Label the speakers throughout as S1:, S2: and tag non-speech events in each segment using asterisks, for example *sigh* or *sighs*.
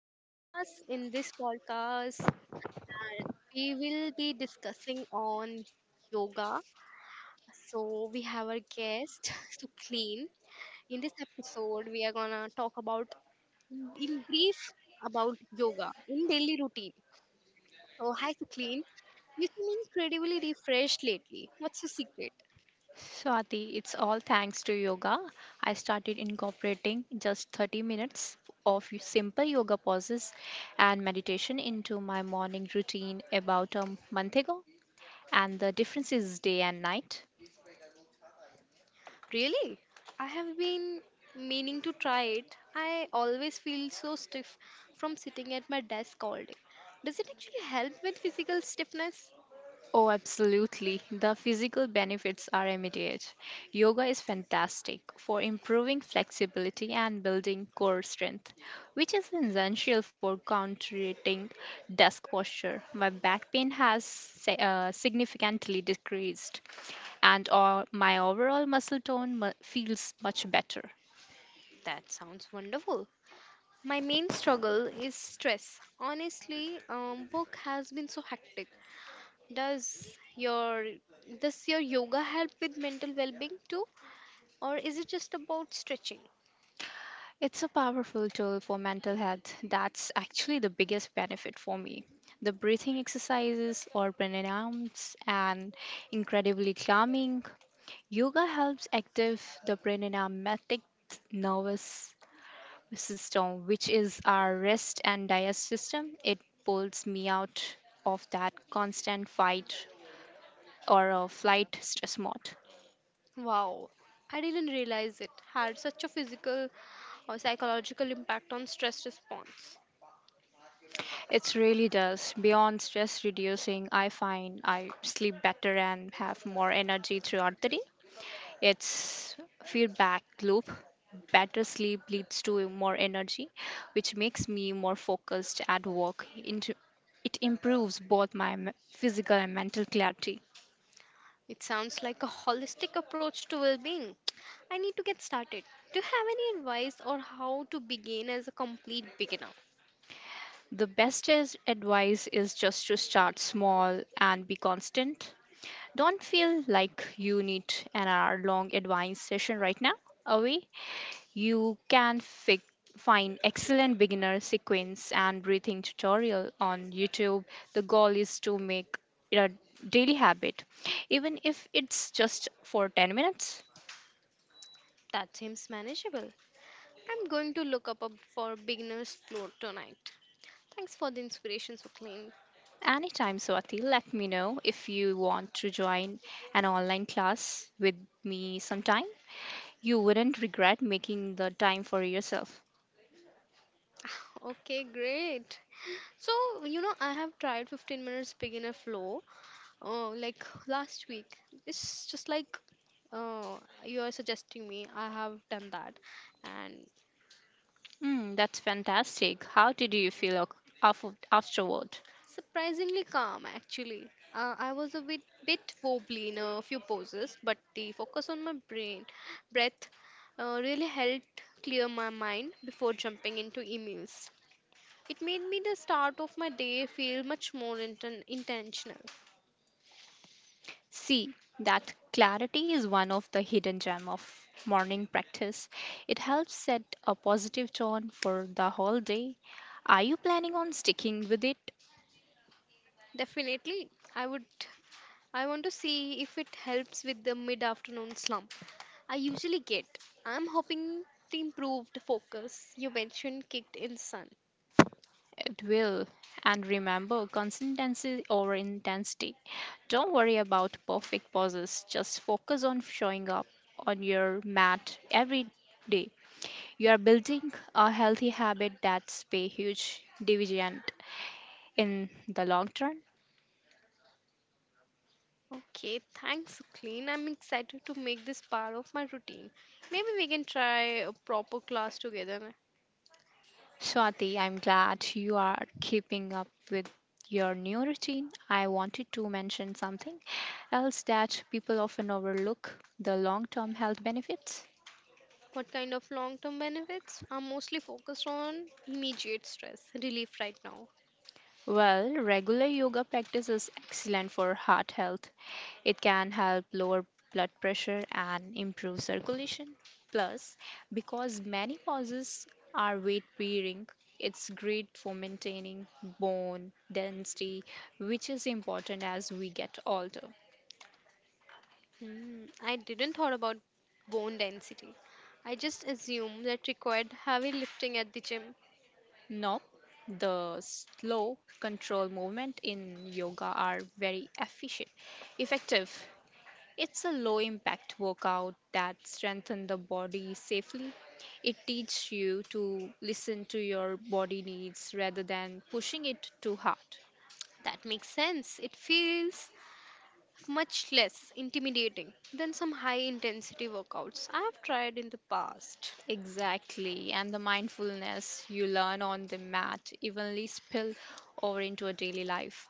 S1: podcast. In this podcast, and we will be discussing on yoga. So we have our guest *laughs* Suclean. In this episode, we are gonna talk about in brief about yoga in daily routine. So hi Suclean, you seem incredibly refreshed lately. What's your secret?
S2: Swati, it's all thanks to yoga. I started incorporating just 30 minutes of simple yoga poses and meditation into my morning routine about a month ago, and the difference is day and night.
S1: Really? I have been meaning to try it. I always feel so stiff from sitting at my desk all day. Does it actually help with physical stiffness?
S2: Oh, absolutely. The physical benefits are immediate. Yoga is fantastic for improving flexibility and building core strength, which is essential for countering desk posture. My back pain has significantly decreased, and all, my overall muscle tone feels much better.
S1: That sounds wonderful. My main struggle is stress. Honestly, work has been so hectic. Does your does your yoga help with mental well-being too, or is it just about stretching?
S2: It's a powerful tool for mental health. That's actually the biggest benefit for me. The breathing exercises or pranayams and incredibly calming. Yoga helps active the pranayamatic nervous system, which is our rest and digest system. It pulls me out of that constant fight or a flight stress mode.
S1: Wow, I didn't realize it had such a physical or psychological impact on stress response.
S2: It really does. Beyond stress reducing, I find I sleep better and have more energy throughout the day. It's feedback loop. Better sleep leads to more energy, which makes me more focused at work. It improves both my physical and mental clarity.
S1: It sounds like a holistic approach to well being. I need to get started. Do you have any advice on how to begin as a complete beginner?
S2: The advice is just to start small and be constant. Don't feel like you need an hour long advice session right now. Away you can find excellent beginner sequence and breathing tutorial on YouTube. The goal is to make it a daily habit, even if it's just for 10 minutes.
S1: That seems manageable. I'm going to look for beginner's floor tonight. Thanks for the inspiration, Suklin.
S2: Anytime, Swati, let me know if you want to join an online class with me sometime. You wouldn't regret making the time for yourself.
S1: Okay, great. So, I have tried 15 minutes beginner flow like last week. It's just like uh, you are suggesting me. I have done that and
S2: Hmm, that's fantastic. How did you feel afterward?
S1: surprisingly calm actually. I was a bit wobbly in a few poses, but the focus on my brain, breath really helped clear my mind before jumping into emails. It made me the start of my day feel much more intentional.
S2: See, that clarity is one of the hidden gem of morning practice. It helps set a positive tone for the whole day. Are you planning on sticking with it?
S1: Definitely, I would. I want to see if it helps with the mid afternoon slump I usually get. I'm hoping the improved focus you mentioned kicked in sun.
S2: It will. And remember, consistency over intensity. Don't worry about perfect pauses. Just focus on showing up on your mat every day. You are building a healthy habit that's pay huge dividend in the long term.
S1: Okay, thanks, Clean. I'm excited to make this part of my routine. Maybe we can try a proper class together.
S2: Swati, I'm glad you are keeping up with your new routine. I wanted to mention something else that people often overlook the long term health benefits.
S1: What kind of long term benefits? I'm mostly focused on immediate stress relief right now.
S2: Well, regular yoga practice is excellent for heart health. It can help lower blood pressure and improve circulation. Plus, because many causes are weight bearing, it's great for maintaining bone density, which is important as we get older.
S1: Hmm, I didn't thought about bone density. I just assumed that required heavy lifting at the gym.
S2: No, the slow control movement in yoga are very efficient, effective. It's a low impact workout that strengthens the body safely. It teaches you to listen to your body needs rather than pushing it too hard.
S1: That makes sense. It feels much less intimidating than some high intensity workouts I have tried in the past.
S2: Exactly, and the mindfulness you learn on the mat evenly spill over into a daily life.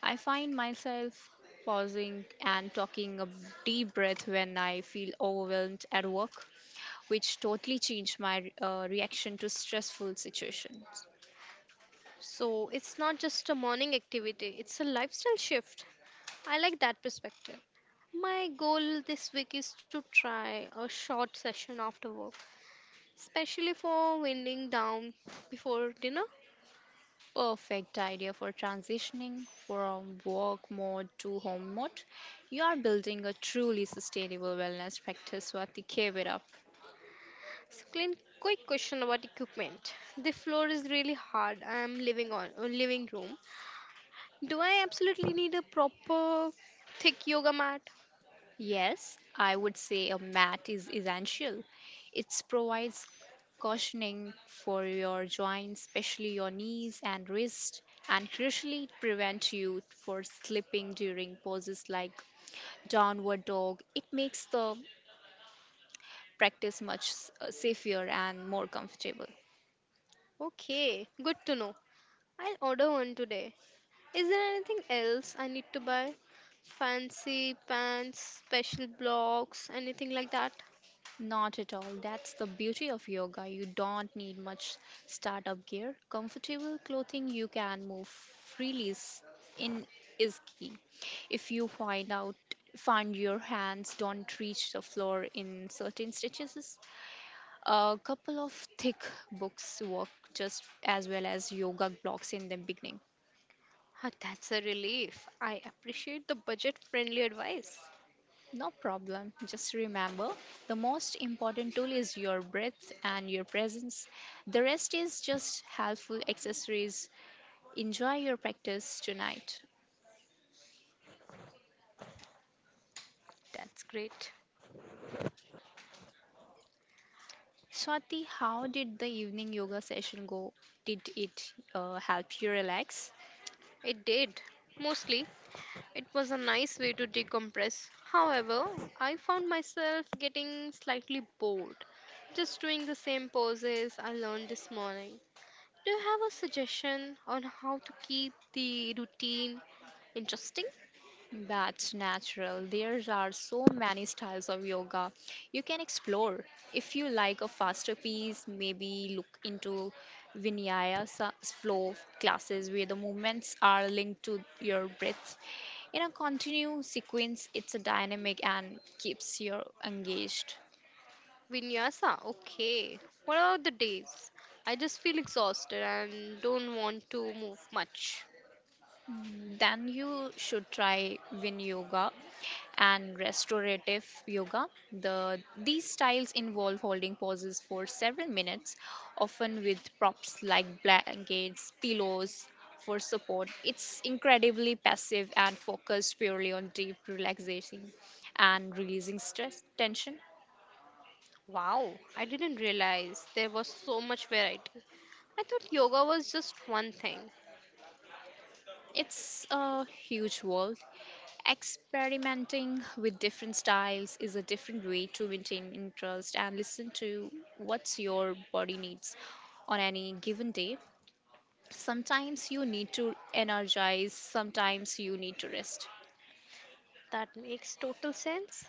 S2: I find myself pausing and taking a deep breath when I feel overwhelmed at work, which totally changed my reaction to stressful situations.
S1: So it's not just a morning activity, it's a lifestyle shift. I like that perspective. My goal this week is to try a short session after work, especially for winding down before dinner.
S2: Perfect idea for transitioning from work mode to home mode. You are building a truly sustainable wellness practice, Swati. Keep it up.
S1: So, Clint, quick question about equipment. The floor is really hard. I'm living on living room. Do I absolutely need a proper thick yoga mat?
S2: Yes, I would say a mat is essential. It provides cushioning for your joints, especially your knees and wrists, and crucially it prevents you for slipping during poses like downward dog. It makes the practice much safer and more comfortable.
S1: Okay, good to know. I'll order one today. Is there anything else I need to buy? Fancy pants, special blocks, anything like that?
S2: Not at all. That's the beauty of yoga. You don't need much startup gear. Comfortable clothing you can move freely is- in is key. If you find your hands don't reach the floor in certain stretches, a couple of thick books work just as well as yoga blocks in the beginning.
S1: Ah, that's a relief. I appreciate the budget friendly advice.
S2: No problem. Just remember the most important tool is your breath and your presence. The rest is just helpful accessories. Enjoy your practice tonight.
S1: That's great.
S2: Swati, how did the evening yoga session go? Did it help you relax?
S1: It did. Mostly. It was a nice way to decompress. However, I found myself getting slightly bored just doing the same poses I learned this morning. Do you have a suggestion on how to keep the routine interesting?
S2: That's natural. There are so many styles of yoga you can explore. If you like a faster pace, maybe look into vinyasa flow classes where the movements are linked to your breath. In a continuous sequence, it's a dynamic and keeps you engaged.
S1: Vinyasa, okay. What about the days? I just feel exhausted and don't want to move much.
S2: Mm, then you should try Vin Yoga and restorative yoga. These styles involve holding poses for several minutes, often with props like blankets, pillows for support. It's incredibly passive and focused purely on deep relaxation and releasing stress tension.
S1: Wow, I didn't realize there was so much variety. I thought yoga was just one thing.
S2: It's a huge world. Experimenting with different styles is a different way to maintain interest and listen to what your body needs on any given day. Sometimes you need to energize, sometimes you need to rest.
S1: That makes total sense.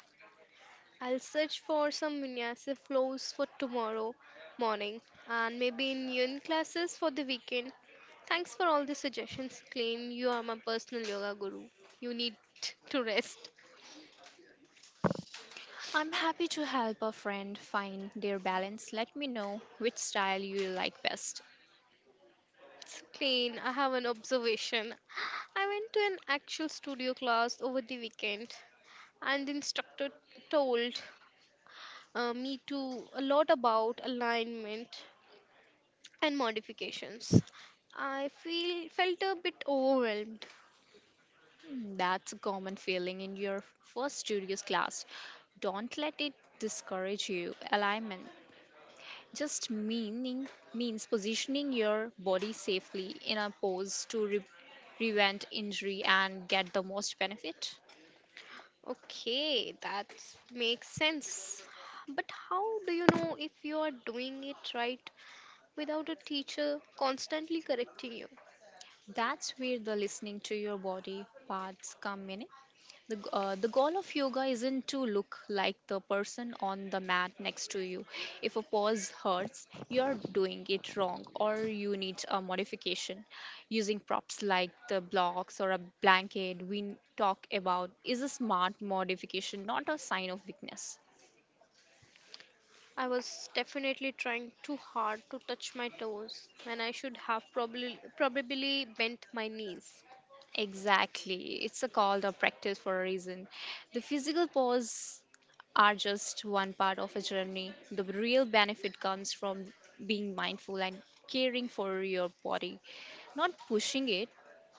S1: I'll search for some vinyasa flows for tomorrow morning and maybe in yin classes for the weekend. Thanks for all the suggestions, Clean. You are my personal yoga guru. You need to rest.
S2: I'm happy to help a friend find their balance. Let me know which style you like best.
S1: So, Clean, I have an observation. I went to an actual studio class over the weekend and the instructor told me to a lot about alignment and modifications. I feel felt a bit overwhelmed.
S2: Mm, that's a common feeling in your first studios class. Don't let it discourage you. Alignment just meaning means positioning your body safely in a pose to prevent injury and get the most benefit.
S1: Okay, that makes sense. But how do you know if you are doing it right without a teacher constantly correcting you?
S2: That's where the listening to your body parts come in. The goal of yoga isn't to look like the person on the mat next to you. If a pose hurts, you're doing it wrong or you need a modification. Using props like the blocks or a blanket we talk about is a smart modification, not a sign of weakness.
S1: I was definitely trying too hard to touch my toes when I should have probably bent my knees.
S2: Exactly. It's a called a practice for a reason. The physical pose are just one part of a journey. The real benefit comes from being mindful and caring for your body, not pushing it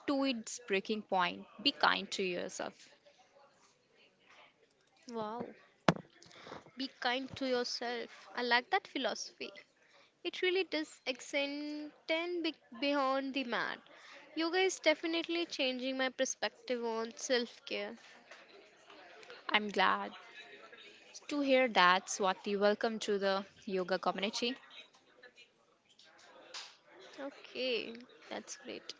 S2: to its breaking point. Be kind to yourself.
S1: Wow, be kind to yourself. I like that philosophy. It really does extend be- beyond the mat. Yoga is definitely changing my perspective on self care.
S2: I'm glad to hear that, Swati. Welcome to the yoga community.
S1: Okay, that's great.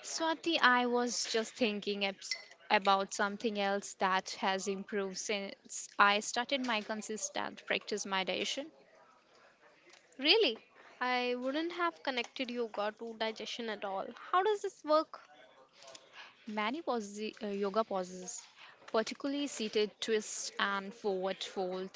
S2: Swati, I was just thinking about something else that has improved since I started my consistent practice meditation.
S1: Really, I wouldn't have connected yoga to digestion at all. How does this work?
S2: Many yoga poses, particularly seated twist and forward fold,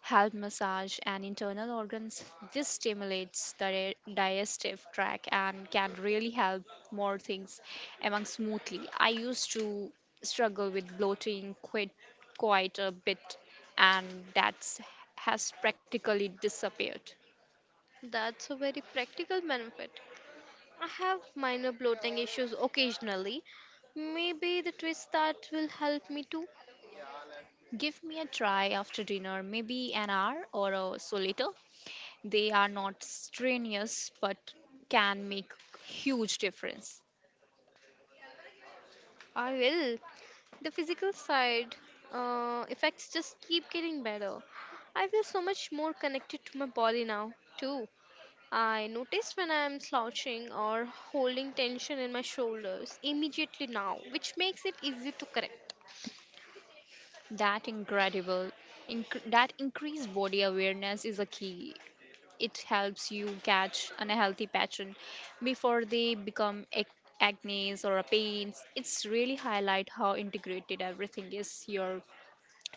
S2: help massage and internal organs. This stimulates the digestive tract and can really help more things among smoothly. I used to struggle with bloating quite a bit, and that's has practically disappeared.
S1: That's a very practical benefit. I have minor bloating issues occasionally. Maybe the twist that will help me too.
S2: Give me a try after dinner, maybe an hour or so later. They are not strenuous but can make huge difference.
S1: I will. The physical side effects just keep getting better. I feel so much more connected to my body now, too. I notice when I am slouching or holding tension in my shoulders immediately now, which makes it easy to correct.
S2: That incredible that increased body awareness is a key. It helps you catch unhealthy pattern before they become acne or a pains. It's really highlight how integrated everything is your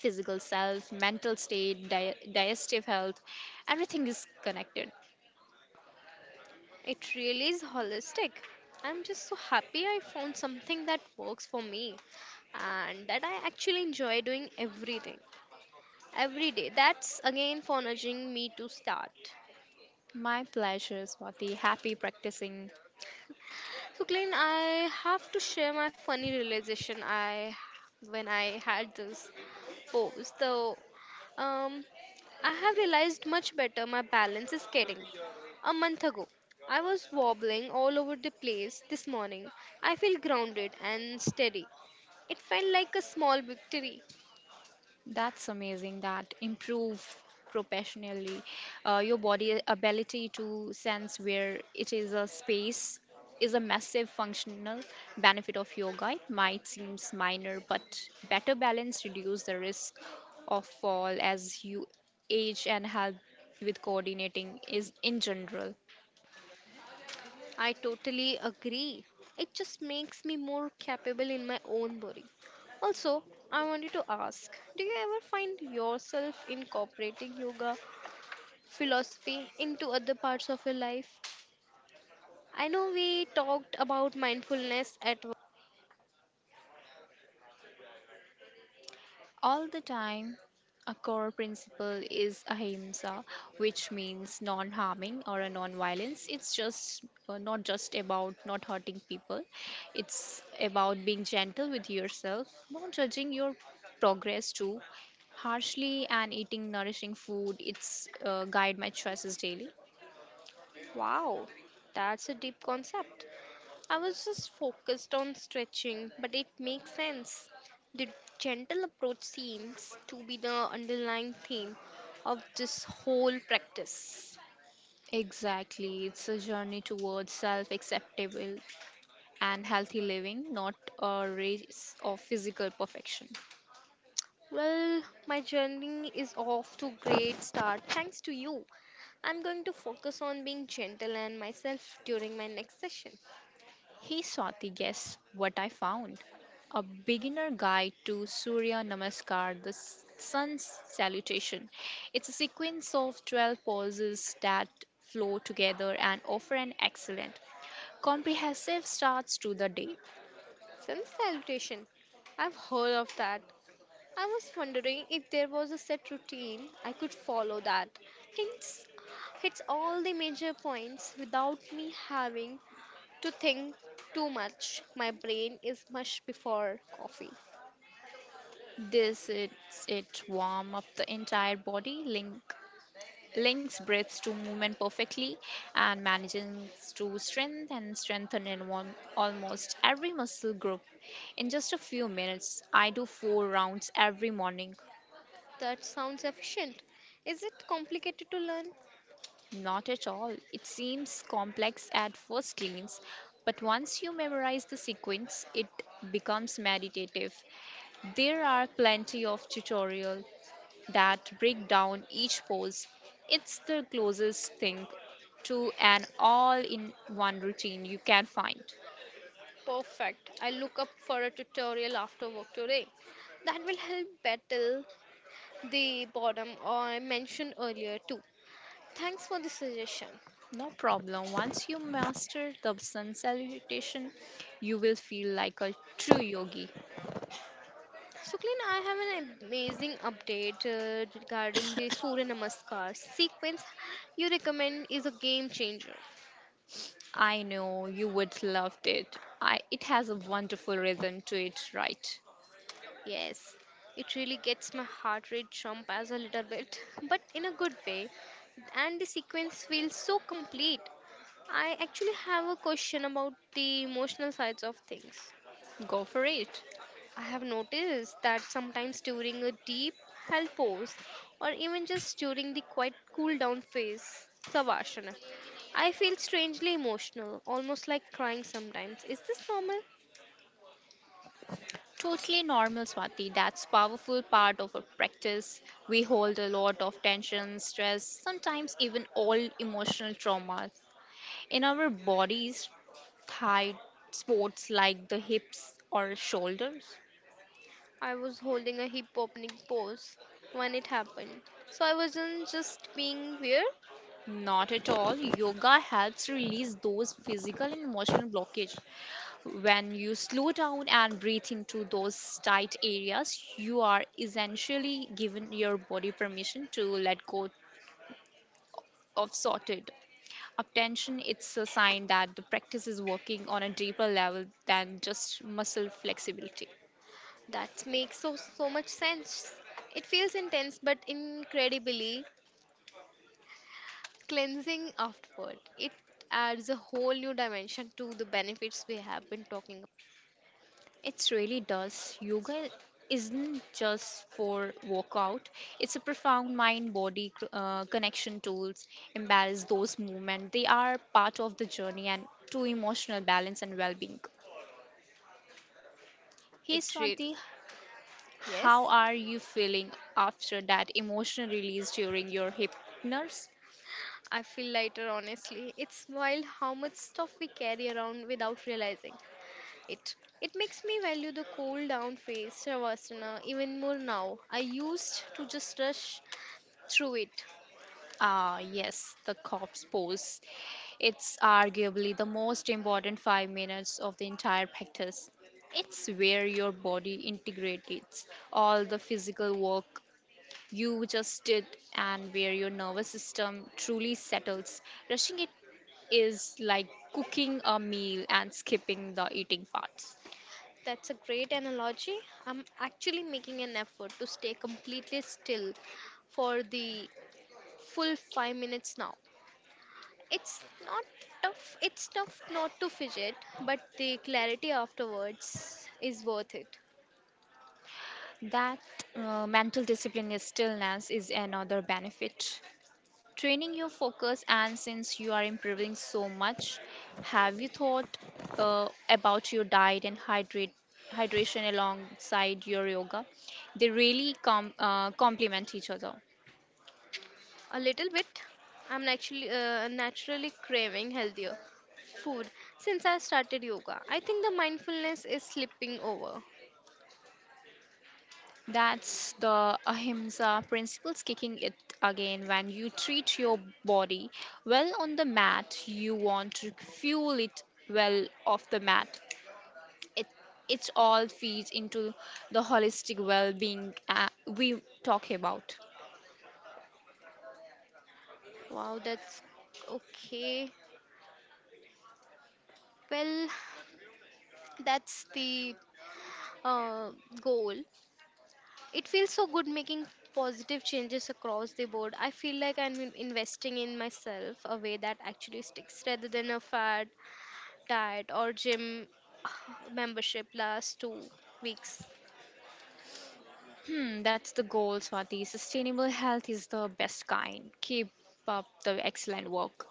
S2: physical self, mental state, digestive health, everything is connected.
S1: It really is holistic. I'm just so happy I found something that works for me and that I actually enjoy doing everything every day. That's again for nudging me to start.
S2: My pleasure, Swati. Happy practicing.
S1: So, Glenn, I have to share my funny realization I when I had this. Oh, so um, I have realized much better my balance is getting. A month ago, I was wobbling all over the place. This morning, I feel grounded and steady. It felt like a small victory.
S2: That's amazing that improve professionally. Your body ability to sense where it is a space is a massive functional benefit of yoga. It might seem minor, but better balance reduce the risk of fall as you age and help with coordinating is in general.
S1: I totally agree. It just makes me more capable in my own body. Also, I wanted to ask do you ever find yourself incorporating yoga philosophy into other parts of your life? I know we talked about mindfulness at work.
S2: All the time, a core principle is ahimsa, which means non-harming or a non-violence. It's just not just about not hurting people. It's about being gentle with yourself, not judging your progress too harshly, and eating nourishing food. It's guide my choices daily.
S1: Wow, that's a deep concept. I was just focused on stretching, but it makes sense. The gentle approach seems to be the underlying theme of this whole practice.
S2: Exactly, it's a journey towards self acceptable and healthy living, not a race of physical perfection.
S1: Well, my journey is off to great start thanks to you. I'm going to focus on being gentle and myself during my next session.
S2: Hey Swati, guess what I found? A beginner guide to Surya Namaskar, the sun's salutation. It's a sequence of 12 poses that flow together and offer an excellent, comprehensive starts to the day.
S1: Sun salutation. I've heard of that. I was wondering if there was a set routine I could follow that hits, hits all the major points without me having to think too much. My brain is mush before coffee.
S2: This is it warm up the entire body, links breaths to movement perfectly and manages to strengthen in one, almost every muscle group. In just a few minutes, I do 4 rounds every morning.
S1: That sounds efficient. Is it complicated to learn?
S2: Not at all. It seems complex at first glance, but once you memorize the sequence, it becomes meditative. There are plenty of tutorial that break down each pose. It's the closest thing to an all in one routine you can find.
S1: Perfect. I look up for a tutorial after work today. That will help battle the boredom I mentioned earlier too. Thanks for the suggestion.
S2: No problem. Once you master the sun salutation, you will feel like a true yogi.
S1: So, I have an amazing update regarding the Surya Namaskar sequence you recommend is a game changer.
S2: I know you would love it. It has a wonderful rhythm to it, right?
S1: Yes, it really gets my heart rate jump as a little bit, *laughs* but in a good way. And the sequence feels so complete. I actually have a question about the emotional sides of things.
S2: Go for it.
S1: I have noticed that sometimes during a deep health pose or even just during the quiet cool down phase, Savasana, I feel strangely emotional, almost like crying sometimes. Is this normal?
S2: Totally normal, Swati. That's powerful part of our practice. We hold a lot of tension, stress, sometimes even all emotional trauma in our bodies. Thigh sports like the hips or shoulders.
S1: I was holding a hip opening pose when it happened. So I wasn't just being weird.
S2: Not at all. Yoga helps release those physical and emotional blockage. When you slow down and breathe into those tight areas, you are essentially giving your body permission to let go of sorted attention. It's a sign that the practice is working on a deeper level than just muscle flexibility.
S1: That makes so much sense. It feels intense but incredibly cleansing afterward. It adds a whole new dimension to the benefits we have been talking about.
S2: It really does. Yoga isn't just for workout. It's a profound mind-body connection tools. Embrace those movements. They are part of the journey and to emotional balance and well-being. Hey
S1: It really,
S2: Swati,
S1: yes,
S2: how are you feeling after that emotional release during your hypnosis?
S1: I feel lighter, honestly. It's wild how much stuff we carry around without realizing it. It makes me value the cool down phase, Shavasana, even more now. I used to just rush through it.
S2: Ah, yes, the corpse pose. It's arguably the most important 5 minutes of the entire practice. It's where your body integrates all the physical work you just did and where your nervous system truly settles. Rushing it is like cooking a meal and skipping the eating parts.
S1: That's a great analogy. I'm actually making an effort to stay completely still for the full 5 minutes now. It's not tough. It's tough not to fidget, but the clarity afterwards is worth it.
S2: That mental discipline is stillness is another benefit, training your focus. And since you are improving so much, have you thought about your diet and hydrate hydration alongside your yoga? They really complement each other.
S1: A little bit. I'm actually naturally craving healthier food since I started yoga. I think the mindfulness is slipping over.
S2: That's the ahimsa principles kicking it again. When you treat your body well on the mat, you want to fuel it well off the mat. It it all feeds into the holistic well-being we talk about.
S1: Wow, that's okay. Well, that's the uh, goal. It feels so good making positive changes across the board. I feel like I'm investing in myself a way that actually sticks rather than a fad diet or gym *sighs* membership last 2 weeks.
S2: Hmm, that's the goal, Swati. Sustainable health is the best kind. Keep up the excellent work.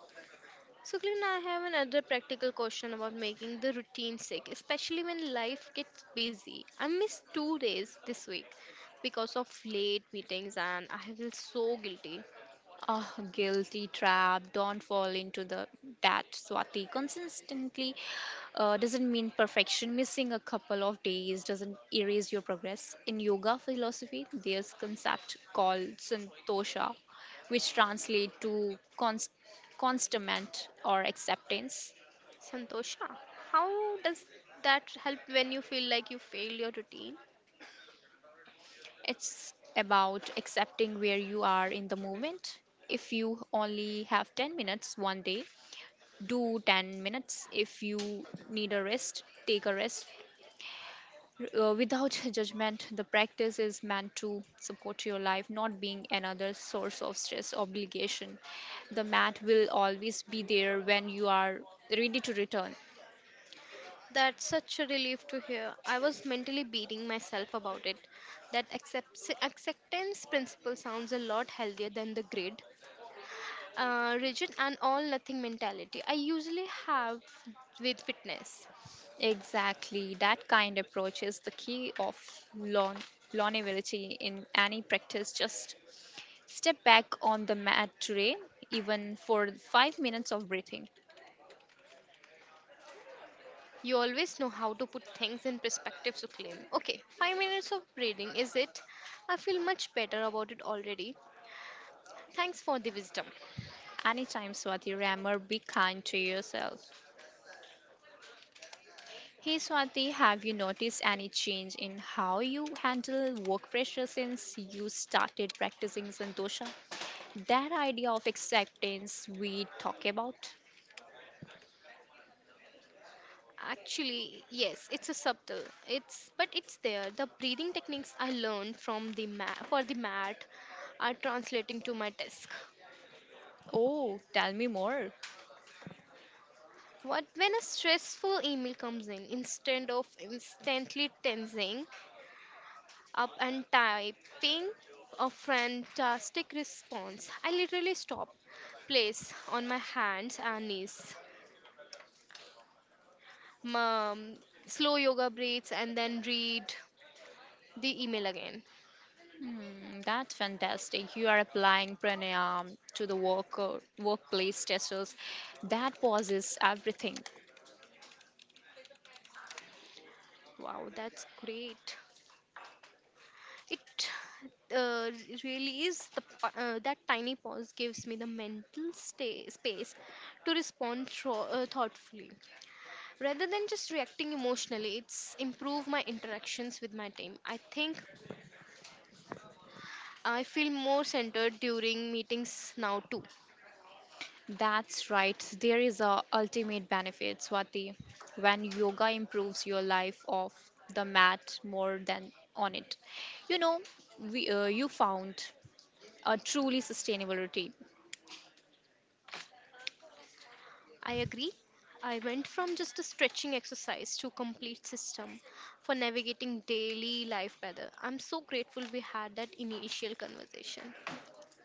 S1: So, Glenn, I have another practical question about making the routine sick, especially when life gets busy. I missed 2 days this week because of late meetings and I feel so guilty.
S2: Ah, guilty trap. Don't fall into the that, Swati. Consistently doesn't mean perfection. Missing a couple of days doesn't erase your progress. In yoga philosophy, there's concept called santosha, which translate to constamment or acceptance.
S1: Santosha, how does that help when you feel like you fail your routine?
S2: It's about accepting where you are in the moment. If you only have 10 minutes one day, do 10 minutes. If you need a rest, take a rest. Without *laughs* judgment, the practice is meant to support your life, not being another source of stress obligation. The mat will always be there when you are ready to return.
S1: That's such a relief to hear. I was mentally beating myself about it. That acceptance principle sounds a lot healthier than the rigid, and all nothing mentality I usually have with fitness.
S2: Exactly, that kind approach is the key of lon- longevity in any practice. Just step back on the mat today, even for 5 minutes of breathing.
S1: You always know how to put things in perspective, Suklin. Okay, 5 minutes of breathing, is it? I feel much better about it already. Thanks for the wisdom.
S2: Anytime, Swati Rammer, be kind to yourself. Hey, Swati, have you noticed any change in how you handle work pressure since you started practicing Santosha? That idea of acceptance we talk about?
S1: Actually, yes, it's a subtle. It's but it's there. The breathing techniques I learned from the mat for the mat are translating to my desk.
S2: Oh, tell me more.
S1: What when a stressful email comes in, instead of instantly tensing up and typing a fantastic response, I literally stop, place on my hands and knees, um, slow yoga breaths, and then read the email again.
S2: Hmm, that's fantastic. You are applying pranayam to the workplace testers. That pauses everything.
S1: Wow, that's great. It uh, really is the that tiny pause gives me the mental space to respond thoughtfully rather than just reacting emotionally. It's improve my interactions with my team, I think. I feel more centered during meetings now too.
S2: That's right. There is a ultimate benefit, Swati, when yoga improves your life off the mat more than on it. You know, we you found a truly sustainable routine.
S1: I agree. I went from just a stretching exercise to complete system for navigating daily life better. I'm so grateful we had that initial conversation.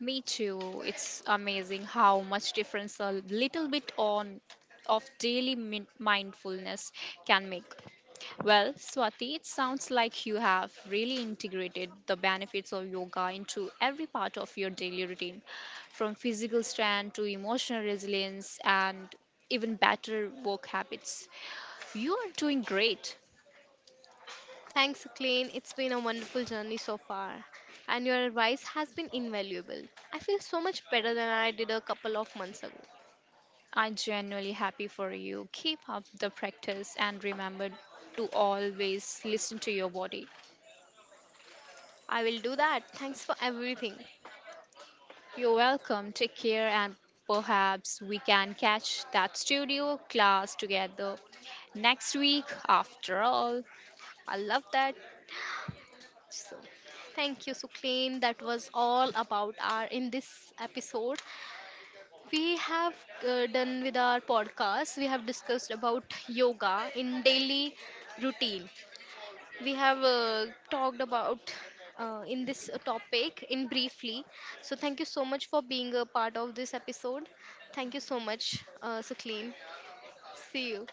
S2: Me too. It's amazing how much difference a little bit on of daily mindfulness can make. Well, Swati, it sounds like you have really integrated the benefits of yoga into every part of your daily routine, from physical strength to emotional resilience and even better work habits. You are doing great.
S1: Thanks, Clean. It's been a wonderful journey so far, and your advice has been invaluable. I feel so much better than I did a couple of months ago.
S2: I'm genuinely happy for you. Keep up the practice and remember to always listen to your body.
S1: I will do that. Thanks for everything.
S2: You're welcome. Take care and perhaps we can catch that studio class together next week after all.
S1: I love that. So, thank you, Suclean. That was all about our in this episode. We have done with our podcast. We have discussed about yoga in daily routine. We have talked about in this topic in briefly. So thank you so much for being a part of this episode. Thank you so much, Suclean. See you.